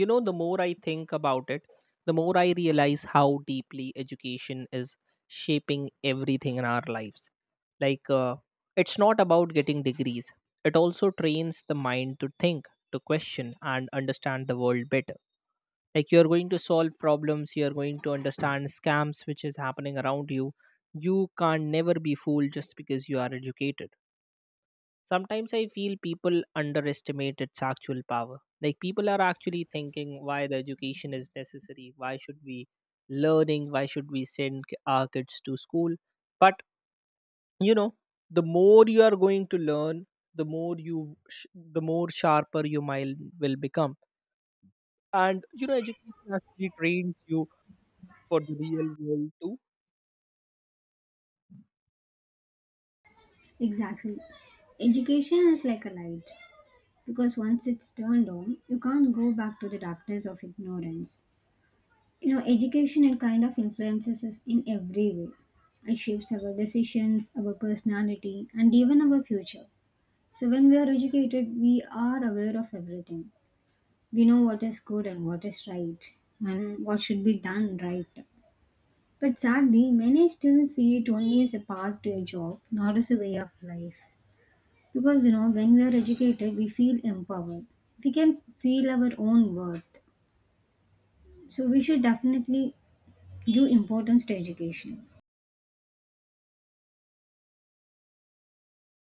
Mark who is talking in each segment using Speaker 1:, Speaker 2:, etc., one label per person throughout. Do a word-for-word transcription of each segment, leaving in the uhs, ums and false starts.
Speaker 1: You know, the more I think about it, the more I realize how deeply education is shaping everything in our lives. like uh, it's not about getting degrees. It also trains the mind to think, to question and understand the world better. Like, you're going to solve problems, you're going to understand scams which is happening around you. You can not never be fooled just because you are educated. Sometimes I feel people underestimate its actual power. Like, people are actually thinking why the education is necessary, why should we learning, why should we send k- our kids to school? But you know, the more you are going to learn, the more you, sh- the more sharper your mind will become. And you know, education actually trains you for the real world too.
Speaker 2: Exactly. Education is like a light because once it's turned on, you can't go back to the darkness of ignorance. You know, education it kind of influences us in every way. It shapes our decisions, our personality, and even our future. So when we are educated, we are aware of everything. We know what is good and what is right and what should be done right. But sadly, many still see it only as a path to a job, not as a way of life. Because you know, when we are educated, we feel empowered. We can feel our own worth. So we should definitely give importance to education.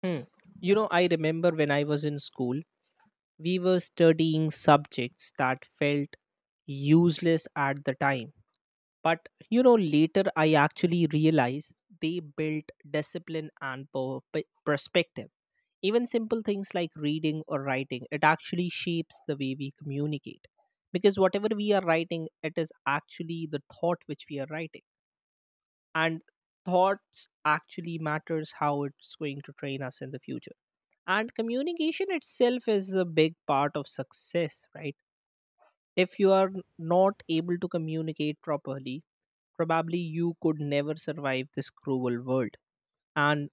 Speaker 1: Hmm. You know, I remember when I was in school, we were studying subjects that felt useless at the time. But you know, later I actually realized they built discipline and per- pe- perspective. Even simple things like reading or writing, it actually shapes the way we communicate. Because whatever we are writing, it is actually the thought which we are writing. And thoughts actually matters how it's going to train us in the future, and communication itself is a big part of success, right? If you are not able to communicate properly, probably you could never survive this cruel world. And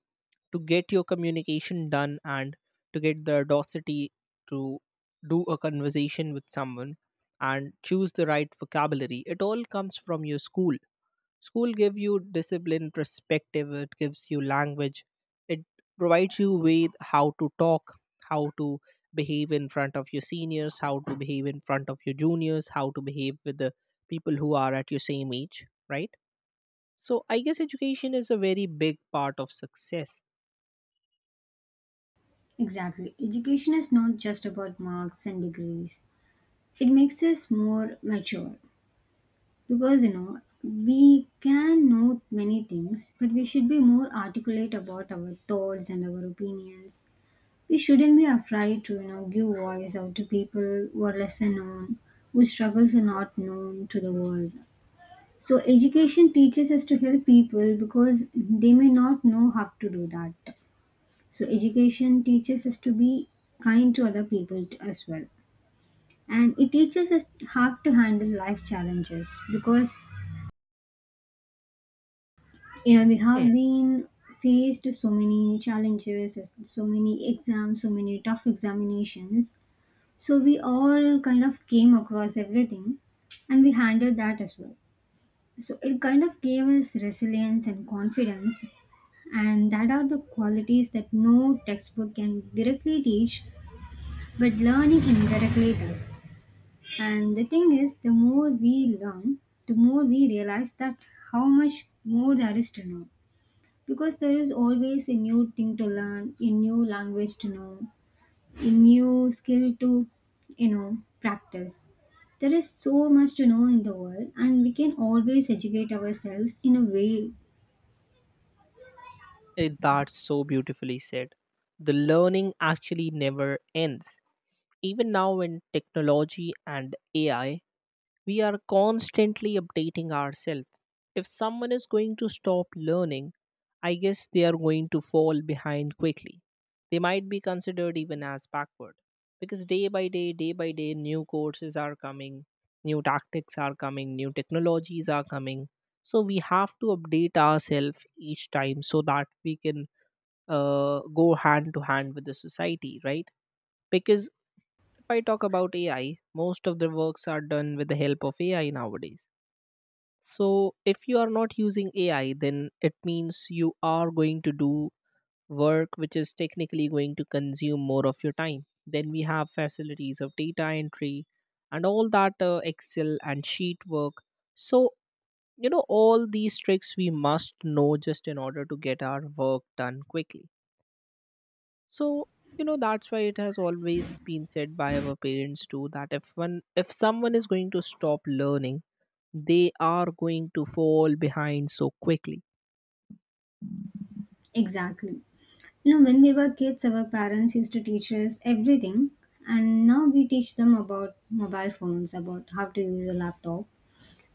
Speaker 1: to get your communication done and to get the audacity to do a conversation with someone and choose the right vocabulary, it all comes from your school. School gives you discipline, perspective, it gives you language, it provides you with how to talk, how to behave in front of your seniors, how to behave in front of your juniors, how to behave with the people who are at your same age, right? So I guess education is a very big part of success.
Speaker 2: Exactly. Education is not just about marks and degrees. It makes us more mature because you know we can know many things, but we should be more articulate about our thoughts and our opinions. We shouldn't be afraid to you know give voice out to people who are lesser known, whose struggles are not known to the world. So education teaches us to help people because they may not know how to do that. So education teaches us to be kind to other people t- as well. And it teaches us how to handle life challenges because you know we have
Speaker 1: Mm.
Speaker 2: been faced so many challenges, so many exams, so many tough examinations. So we all kind of came across everything and we handled that as well. So it kind of gave us resilience and confidence, and that are the qualities that no textbook can directly teach, but learning indirectly does. And the thing is, the more we learn, the more we realize that how much more there is to know, because there is always a new thing to learn, a new language to know, a new skill to you know practice. There is so much to know in the world, and we can always educate ourselves in a way.
Speaker 1: Eh, that's so beautifully said. The learning actually never ends. Even now, when technology and A I, we are constantly updating ourselves. If someone is going to stop learning, I guess they are going to fall behind quickly. They might be considered even as backward, because day by day, day by day, new courses are coming, new tactics are coming, new technologies are coming. So we have to update ourselves each time so that we can uh, go hand to hand with the society, right? Because if I talk about A I, most of the works are done with the help of A I nowadays. So if you are not using A I, then it means you are going to do work which is technically going to consume more of your time. Then we have facilities of data entry and all that uh, Excel and sheet work. So, you know, all these tricks we must know just in order to get our work done quickly. So, you know, that's why it has always been said by our parents too that if one if someone is going to stop learning, they are going to fall behind so quickly.
Speaker 2: Exactly. No, when we were kids, our parents used to teach us everything, and now we teach them about mobile phones, about how to use a laptop,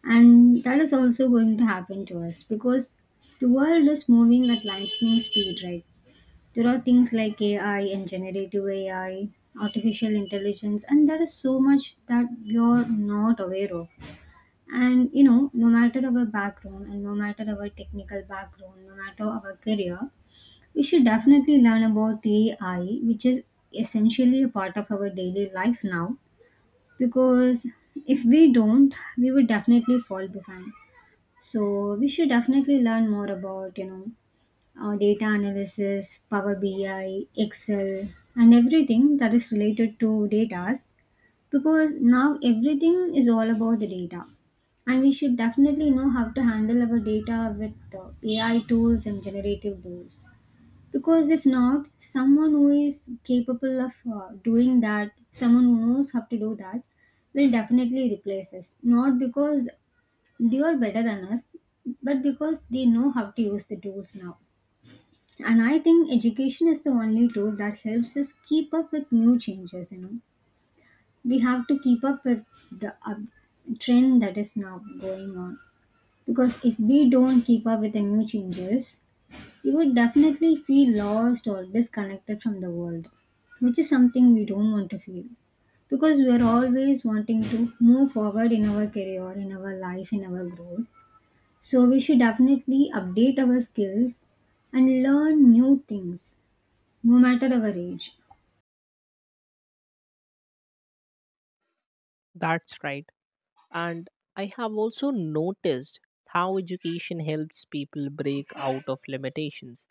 Speaker 2: and that is also going to happen to us because the world is moving at lightning speed, right? There are things like A I and generative A I, artificial intelligence, and there is so much that you're not aware of. And you know, no matter our background and no matter our technical background, no matter our career, we should definitely learn about A I, which is essentially a part of our daily life now, because if we don't, we would definitely fall behind. So we should definitely learn more about, you know, uh, data analysis, Power B I, Excel, and everything that is related to data, because now everything is all about the data. And we should definitely know how to handle our data with uh, A I tools and generative tools. Because if not, someone who is capable of uh, doing that, someone who knows how to do that, will definitely replace us. Not because they are better than us, but because they know how to use the tools now. And I think education is the only tool that helps us keep up with new changes, you know. We have to keep up with the up trend that is now going on. Because if we don't keep up with the new changes, you would definitely feel lost or disconnected from the world, which is something we don't want to feel, because we are always wanting to move forward in our career, in our life, in our growth. So, we should definitely update our skills and learn new things no matter our age.
Speaker 1: That's right. And I have also noticed how education helps people break out of limitations,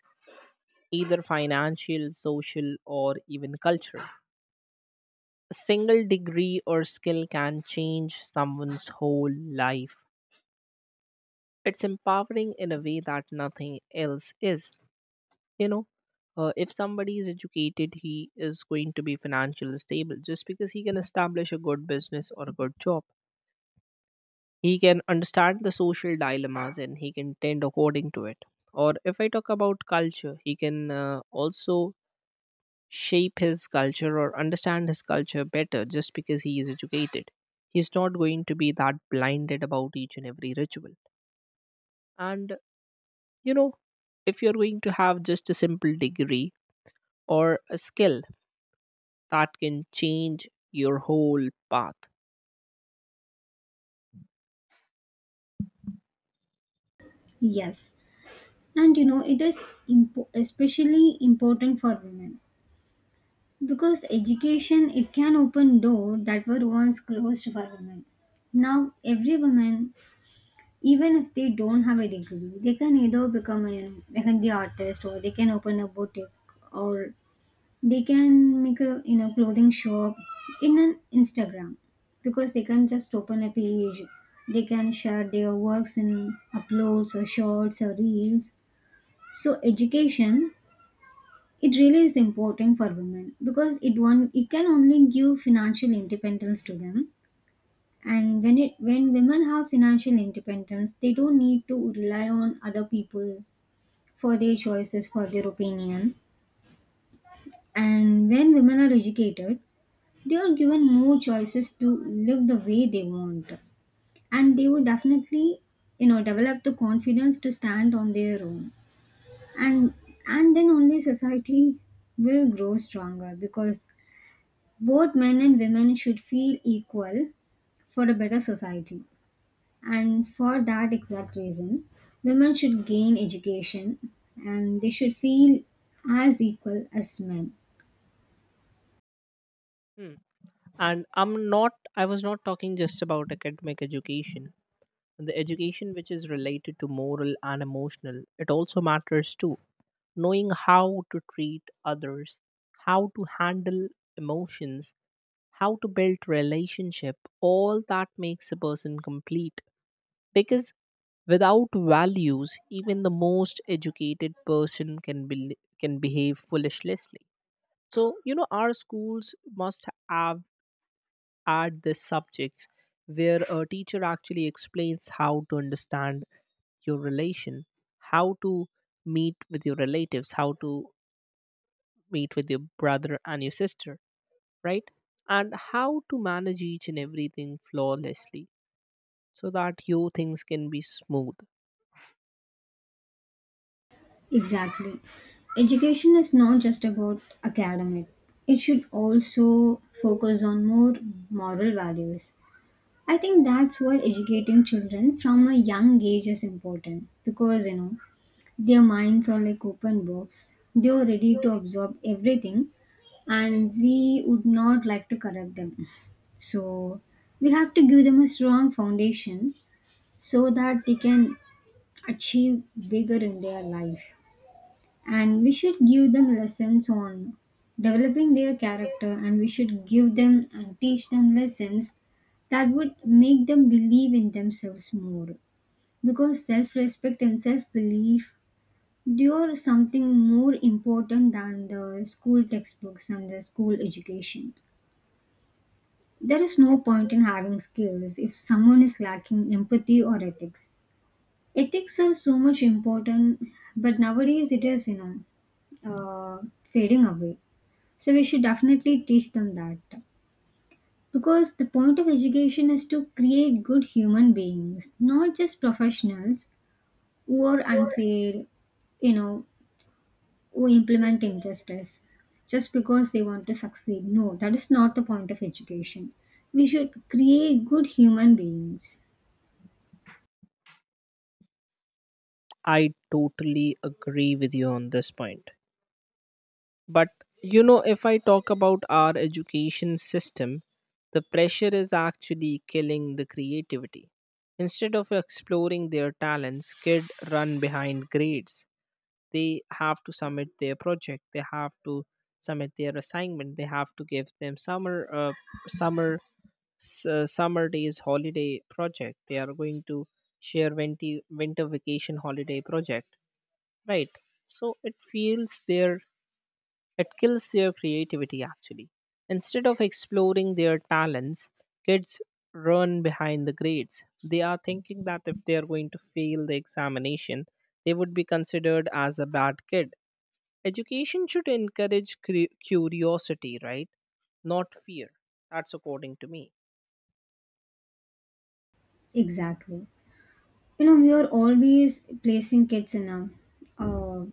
Speaker 1: either financial, social, or even cultural. A single degree or skill can change someone's whole life. It's empowering in a way that nothing else is. You know, uh, if somebody is educated, he is going to be financially stable just because he can establish a good business or a good job. He can understand the social dilemmas and he can tend according to it. Or if I talk about culture, he can uh, also shape his culture or understand his culture better just because he is educated. He's not going to be that blinded about each and every ritual. And you know, if you're going to have just a simple degree or a skill, that can change your whole path.
Speaker 2: Yes, and you know, it is impo- especially important for women, because education it can open door that were once closed for women. Now every woman, even if they don't have a degree, they can either become a mehendi artist, or they can open a boutique, or they can make a you know clothing shop in an Instagram, because they can just open a page. They can share their works in uploads or shorts or reels. So education, it really is important for women because it one it can only give financial independence to them, and when it when women have financial independence, they don't need to rely on other people for their choices, for their opinion. And when women are educated, they are given more choices to live the way they want. And they will definitely, you know, develop the confidence to stand on their own. And and then only society will grow stronger, because both men and women should feel equal for a better society. And for that exact reason, women should gain education, and they should feel as equal as men.
Speaker 1: Hmm. And I'm not, I was not talking just about academic education. The education which is related to moral and emotional, it also matters too. Knowing how to treat others, how to handle emotions, how to build relationship, all that makes a person complete. Because without values, even the most educated person can be, can behave foolishly. So, you know, our schools must have add these subjects where a teacher actually explains how to understand your relation, how to meet with your relatives, how to meet with your brother and your sister, right? And how to manage each and everything flawlessly so that your things can be smooth.
Speaker 2: Exactly. Education is not just about academic, it should also focus on more moral values. I think that's why educating children from a young age is important, because you know their minds are like open books. They are ready to absorb everything, and we would not like to correct them. So, we have to give them a strong foundation so that they can achieve bigger in their life. And we should give them lessons on developing their character, and we should give them and teach them lessons that would make them believe in themselves more, because self respect and self belief Dure something more important than the school textbooks and the school education. There is no point in having skills if someone is lacking empathy or ethics. Ethics are so much important, but nowadays it is, you know, uh, fading away. So we should definitely teach them that. Because the point of education is to create good human beings, not just professionals who are unfair, you know, who implement injustice just because they want to succeed. No, that is not the point of education. We should create good human beings.
Speaker 1: I totally agree with you on this point. But you know, if I talk about our education system, the pressure is actually killing the creativity. Instead of exploring their talents, kids run behind grades. They have to submit their project. They have to submit their assignment. They have to give them summer, uh, summer, s- uh, summer days holiday project. They are going to share winter winter vacation holiday project, right? So it feels their it kills their creativity actually. Instead of exploring their talents, kids run behind the grades. They are thinking that if they are going to fail the examination, they would be considered as a bad kid. Education should encourage cre- curiosity, right? Not fear. That's according to me.
Speaker 2: Exactly. You know, we are always placing kids in a uh,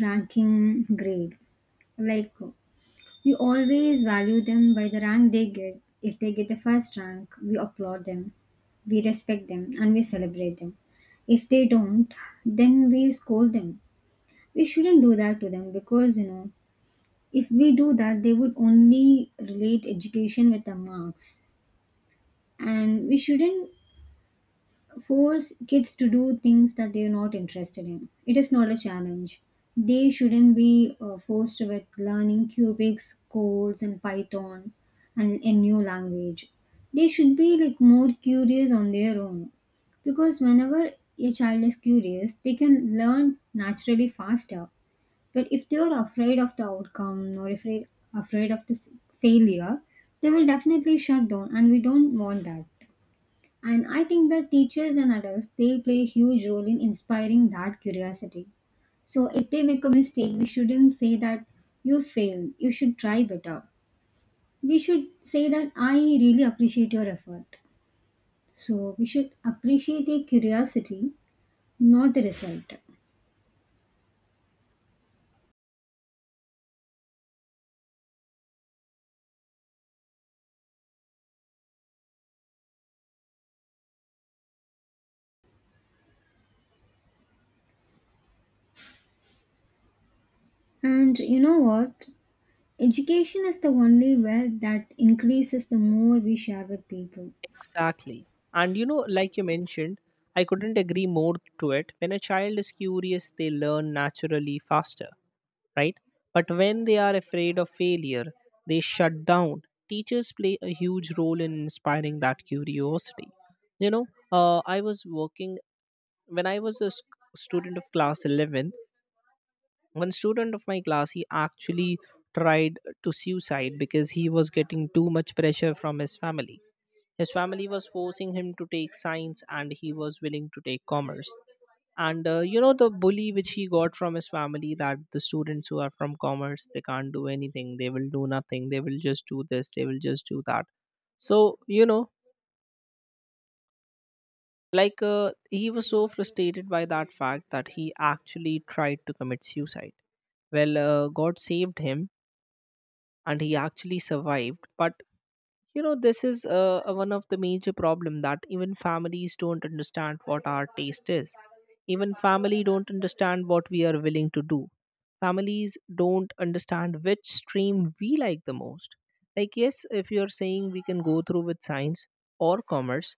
Speaker 2: ranking grade. Like, we always value them by the rank they get. If they get the first rank, we applaud them, we respect them, and we celebrate them. If they don't, then we scold them. We shouldn't do that to them because, you know, if we do that, they would only relate education with the marks. And we shouldn't force kids to do things that they're not interested in. It is not a challenge. They shouldn't be uh, forced with learning cubics, codes, and Python and a new language. They should be like more curious on their own, because whenever a child is curious, they can learn naturally faster. But if they are afraid of the outcome or afraid afraid of this failure, they will definitely shut down, and we don't want that. And I think that teachers and adults, they play a huge role in inspiring that curiosity. So if they make a mistake, we shouldn't say that you failed. You should try better. We should say that I really appreciate your effort. So we should appreciate the curiosity, not the result. And you know what? Education is the only way that increases the more we share with people.
Speaker 1: Exactly. And you know, like you mentioned, I couldn't agree more to it. When a child is curious, they learn naturally faster, right? But when they are afraid of failure, they shut down. Teachers play a huge role in inspiring that curiosity. You know, uh, I was working when I was a s- student of class eleventh. One student of my class, he actually tried to suicide because he was getting too much pressure from his family. His family was forcing him to take science and he was willing to take commerce, and uh, you know, the bully which he got from his family that the students who are from commerce, they can't do anything, they will do nothing, they will just do this, they will just do that. So you know, like uh, he was so frustrated by that fact that he actually tried to commit suicide. Well, uh, god saved him and he actually survived. But you know, this is uh, a- one of the major problem that even families don't understand what our taste is, even family don't understand what we are willing to do, families don't understand which stream we like the most. Like, yes, if you are saying we can go through with science or commerce,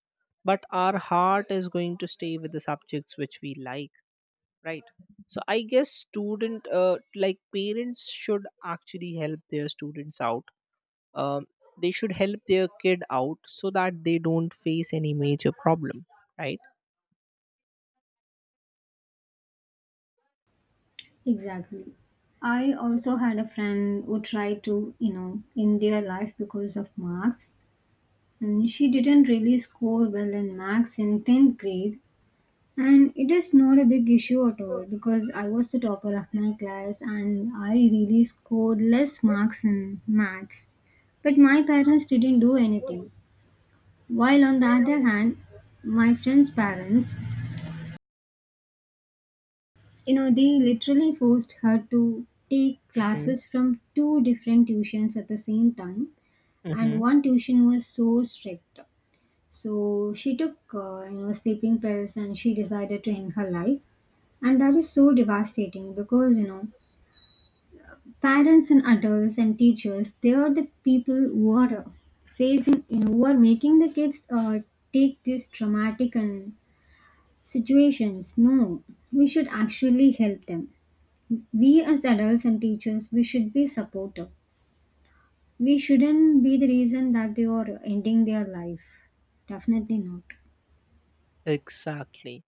Speaker 1: but our heart is going to stay with the subjects which we like, right? So I guess student uh, like parents should actually help their students out. um, they should help their kid out so that they don't face any major problem, right?
Speaker 2: Exactly. I also had a friend who tried to, you know, in their life because of marks, and she didn't really score well in marks in tenth grade. And it is not a big issue at all, because I was the topper of my class and I really scored less marks in maths. But my parents didn't do anything. While on the other hand, my friend's parents, you know, they literally forced her to take
Speaker 1: Hmm.
Speaker 2: classes from two different tuitions at the same time, and
Speaker 1: Hmm.
Speaker 2: one tuition was so strict, so she took uh, you know sleeping pills, and she decided to end her life. And that is so devastating, because you know parents and adults and teachers, they are the people who are uh, facing, you know, who are making the kids uh, take these traumatic and situations. No, we should actually help them. We as adults and teachers, we should be supportive. We shouldn't be the reason that they are ending their life. Definitely not.
Speaker 1: Exactly.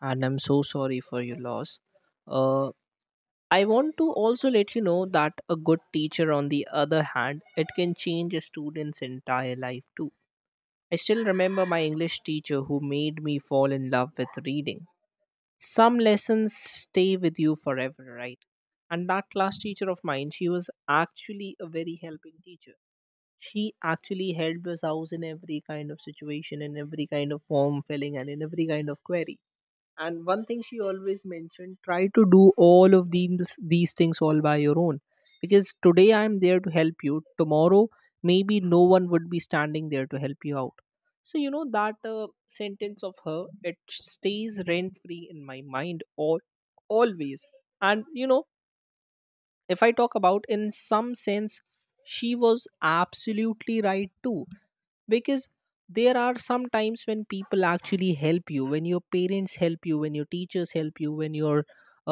Speaker 1: And I'm so sorry for your loss. uh, I want to also let you know that a good teacher on the other hand, it can change a student's entire life too. I still remember my English teacher who made me fall in love with reading. Some lessons stay with you forever, right? And that class teacher of mine, she was actually a very helping teacher. She actually helped us out in every kind of situation, in every kind of form filling and in every kind of query. And one thing she always mentioned, try to do all of these these things all by your own, because today I'm there to help you, tomorrow maybe no one would be standing there to help you out. So you know, that uh, sentence of her, it stays rent free in my mind all always. And you know, if I talk about in some sense, she was absolutely right too. Because there are some times when people actually help you, when your parents help you, when your teachers help you, when your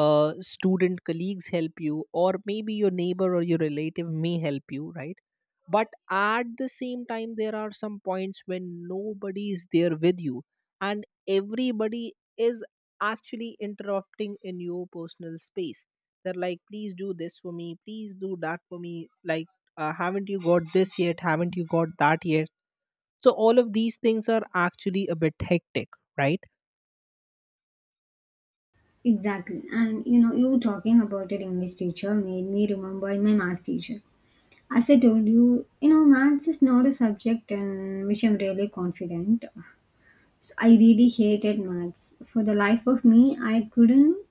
Speaker 1: uh, student colleagues help you, or maybe your neighbor or your relative may help you, right? But at the same time, there are some points when nobody is there with you, and everybody is actually interrupting in your personal space. They're like, please do this for me, please do that for me. Like, uh, haven't you got this yet, haven't you got that yet? So all of these things are actually a bit hectic, right?
Speaker 2: Exactly. And you know, you talking about your English teacher made me remember my maths teacher. As I told you, you know, maths is not a subject in which I'm really confident, so I really hated maths. For the life of me, I couldn't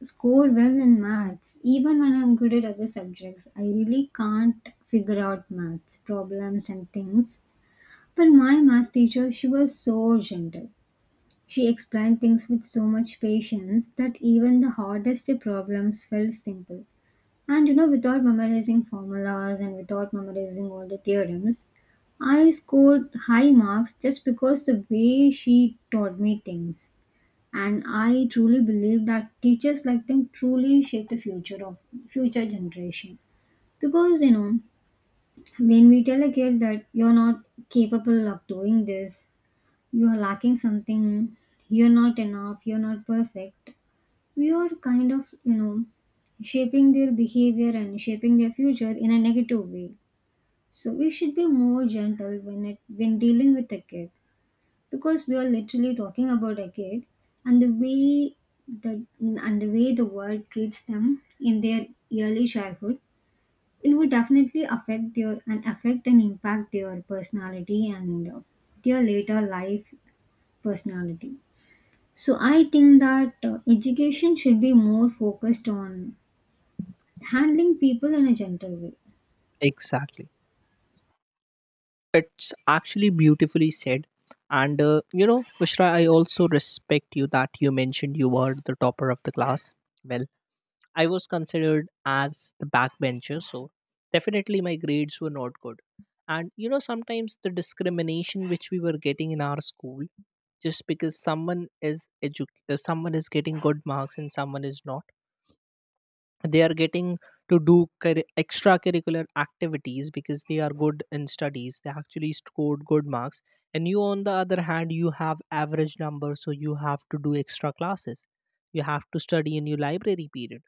Speaker 2: score well in maths. Even when I'm good at other subjects, I really can't figure out maths problems and things. But my maths teacher, she was so gentle. She explained things with so much patience that even the hardest problems felt simple. And you know, without memorizing formulas and without memorizing all the theorems, I scored high marks just because the way she taught me things. And I truly believe that teachers like them truly shape the future of future generation. Because you know, when we tell a kid that you're not capable of doing this, you're lacking something, you're not enough, you're not perfect, we are kind of, you know, shaping their behavior and shaping their future in a negative way. So we should be more gentle when it when dealing with a kid, because we are literally talking about a kid. And the way the and the way the world treats them in their early childhood, it would definitely affect their and affect and impact their personality and uh, their later life personality. So I think that uh, education should be more focused on handling people in a gentle way.
Speaker 1: Exactly. It's actually beautifully said. And uh, you know, Ushra, I also respect you that you mentioned you were the topper of the class. Well, I was considered as the backbencher, so definitely my grades were not good. And you know, sometimes the discrimination which we were getting in our school, just because someone is edu- uh, someone is getting good marks and someone is not, they are getting to do curri- extracurricular activities because they are good in studies, they actually scored good marks, and you on the other hand, you have average numbers, so you have to do extra classes, you have to study in your library period,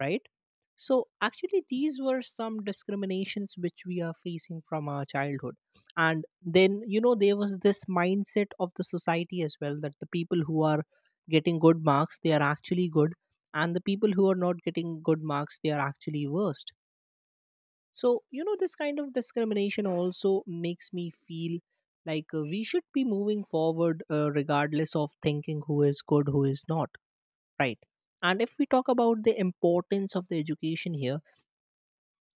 Speaker 1: right? So, actually, these were some discriminations which we are facing from our childhood. And then, you know, there was this mindset of the society as well, that the people who are getting good marks, they are actually good, and the people who are not getting good marks, they are actually worst. So, you know, this kind of discrimination also makes me feel like uh, we should be moving forward, uh, regardless of thinking who is good, who is not, right? And if we talk about the importance of the education here,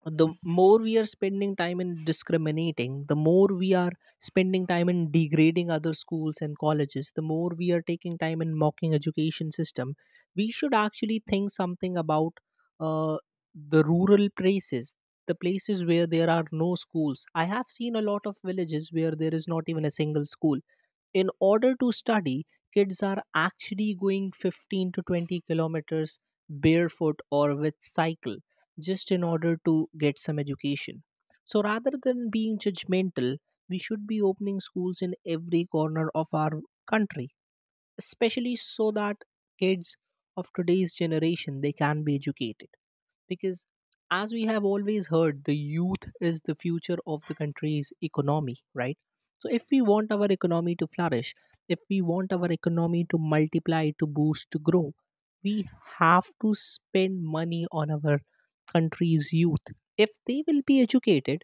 Speaker 1: the more we are spending time in discriminating, the more we are spending time in degrading other schools and colleges, the more we are taking time in mocking education system, we should actually think something about uh, the rural places, the places where there are no schools. I have seen a lot of villages where there is not even a single school. In order to study, kids are actually going fifteen to twenty kilometers barefoot or with cycle, just in order to get some education. So rather than being judgmental, we should be opening schools in every corner of our country, especially so that kids of today's generation, they can be educated, because as we have always heard, the youth is the future of the country's economy, right? So if we want our economy to flourish, if we want our economy to multiply, to boost, to grow, we have to spend money on our country's youth. If they will be educated,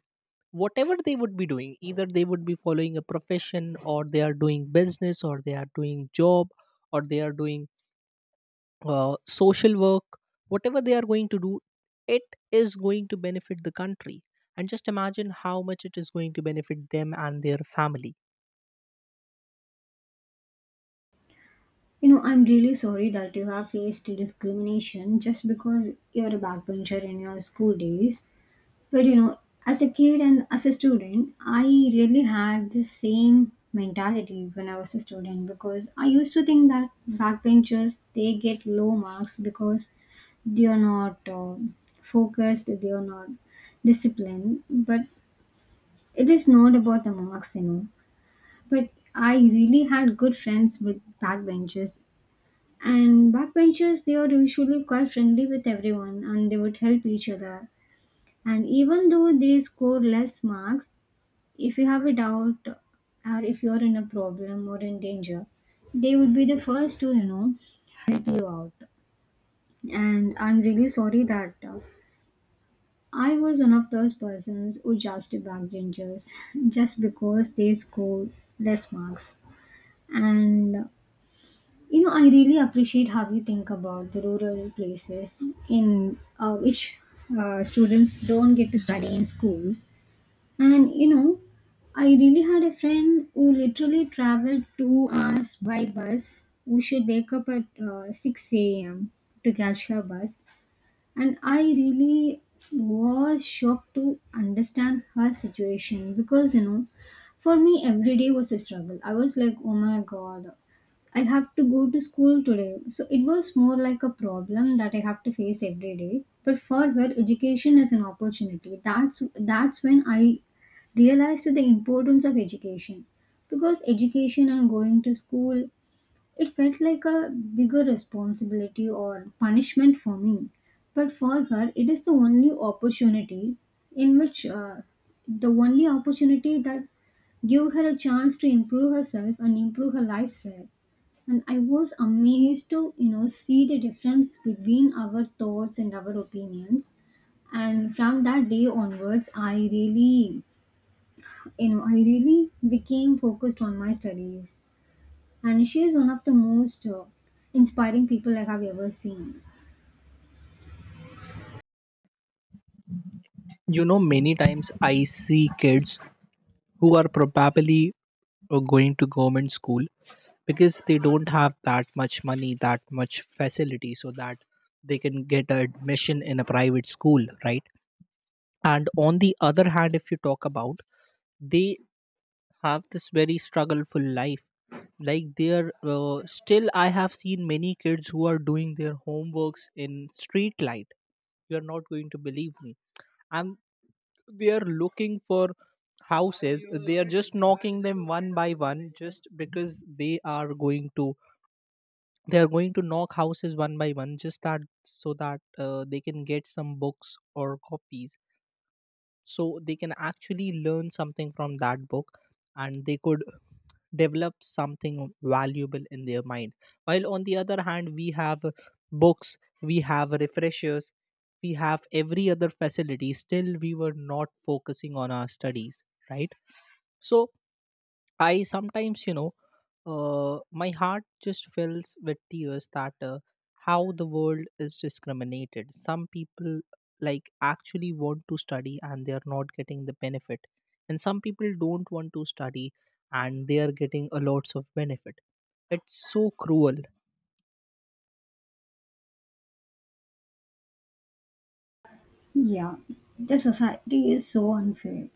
Speaker 1: whatever they would be doing, either they would be following a profession, or they are doing business, or they are doing job, or they are doing uh, social work, whatever they are going to do, it is going to benefit the country. And just imagine how much it is going to benefit them and their family.
Speaker 2: You know, I'm really sorry that you have faced discrimination just because you're a backbencher in your school days. But you know, as a kid and as a student, I really had the same mentality when I was a student, because I used to think that backbenchers, they get low marks because they are not uh, focused, they are not disciplined. But it is not about the marks, you know. But I really had good friends with backbenchers. And backbenchers, they are usually quite friendly with everyone and they would help each other. And even though they score less marks, if you have a doubt or if you're in a problem or in danger, they would be the first to, you know, help you out. And I'm really sorry that uh, I was one of those persons who just backbenchers just because they scored less marks. And uh, you know, I really appreciate how you think about the rural places in uh, which uh, students don't get to study in schools. And you know, I really had a friend who literally traveled two hours by bus, who should wake up at uh, six a m to catch her bus. And I really was shocked to understand her situation, because you know, for me every day was a struggle. I was like, oh my god, I have to go to school today. So it was more like a problem that I have to face every day, but for her education is an opportunity. That's that's when I realized the importance of education, because education and going to school, it felt like a bigger responsibility or punishment for me. But for her, it is the only opportunity in which, uh, the only opportunity that gave her a chance to improve herself and improve her lifestyle. And I was amazed to, you know, see the difference between our thoughts and our opinions. And from that day onwards, I really, you know, I really became focused on my studies. And she is one of the most uh, inspiring people I have ever seen.
Speaker 1: You know, many times I see kids who are probably uh, going to government school because they don't have that much money, that much facility, so that they can get admission in a private school, right? And on the other hand, if you talk about, they have this very struggleful life. Like, there uh, still, I have seen many kids who are doing their homeworks in street light. You are not going to believe me. And they are looking for houses, they are just knocking them one by one, just because they are going to they are going to knock houses one by one, just that, so that uh, they can get some books or copies, so they can actually learn something from that book, and they could develop something valuable in their mind. While on the other hand, we have books, we have refreshers, we have every other facility, still we were not focusing on our studies, right? So I sometimes, you know, uh, my heart just fills with tears that uh, how the world is discriminated. Some people like actually want to study and they are not getting the benefit, and some people don't want to study and they are getting a lots of benefit. It's so cruel.
Speaker 2: Yeah, the society is so unfair,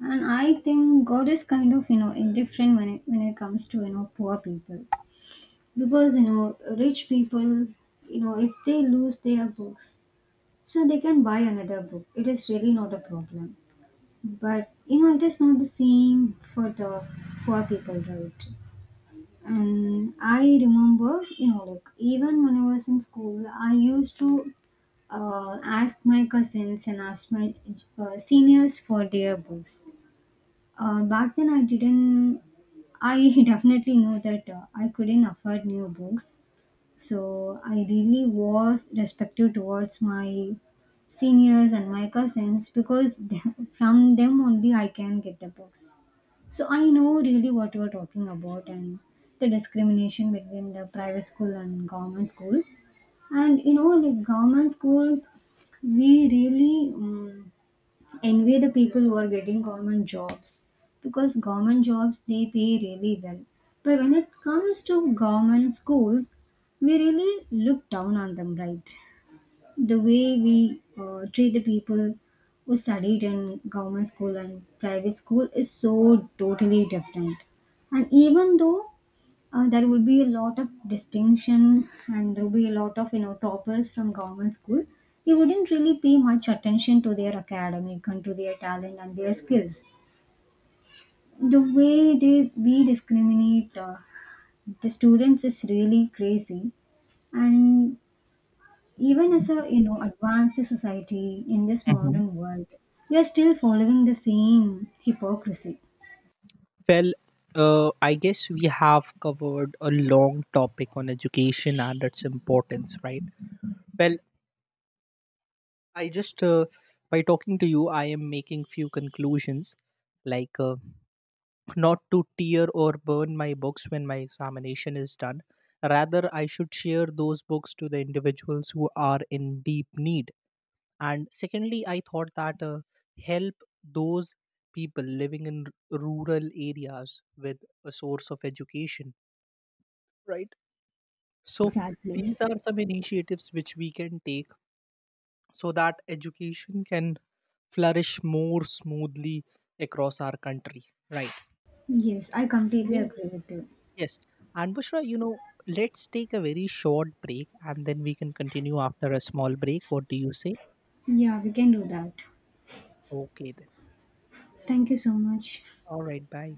Speaker 2: and I think God is kind of, you know, indifferent when it when it comes to, you know, poor people. Because you know, rich people, you know, if they lose their books, so they can buy another book, it is really not a problem. But you know, it is not the same for the poor people, right? And I remember, you know, like even when I was in school, I used to uh, ask my cousins and ask my uh, seniors for their books. Uh, back then, I didn't, I definitely knew that uh, I couldn't afford new books. So I really was respective towards my seniors and my cousins because th- from them only I can get the books. So I know really what you are talking about, and the discrimination between the private school and government school. And you know, like government schools, we really. Um, envy the people who are getting government jobs, because government jobs, they pay really well. But when it comes to government schools, we really look down on them, right? The way we uh, treat the people who studied in government school and private school is so totally different. And even though uh, there would be a lot of distinction and there would be a lot of, you know, toppers from government school, they wouldn't really pay much attention to their academic and to their talent and their skills. The way they we discriminate uh, the students is really crazy. And even as a, you know, advanced society in this
Speaker 1: Mhm.
Speaker 2: modern world, we are still following the same hypocrisy.
Speaker 1: Well, uh, I guess we have covered a long topic on education and its importance, right? Well, I just uh, by talking to you, I am making few conclusions, like uh, not to tear or burn my books when my examination is done. Rather, I should share those books to the individuals who are in deep need. And secondly, I thought that uh, help those people living in r- rural areas with a source of education, right? So
Speaker 2: Exactly.
Speaker 1: these are some initiatives which we can take so that education can flourish more smoothly across our country, right?
Speaker 2: Yes, I completely
Speaker 1: Me?
Speaker 2: agree with you.
Speaker 1: Yes. And Bushra, you know, let's take a very short break, and then we can continue after a small break. What do you say?
Speaker 2: Yeah, we can do that.
Speaker 1: Okay then,
Speaker 2: Thank you so much.
Speaker 1: all right, bye.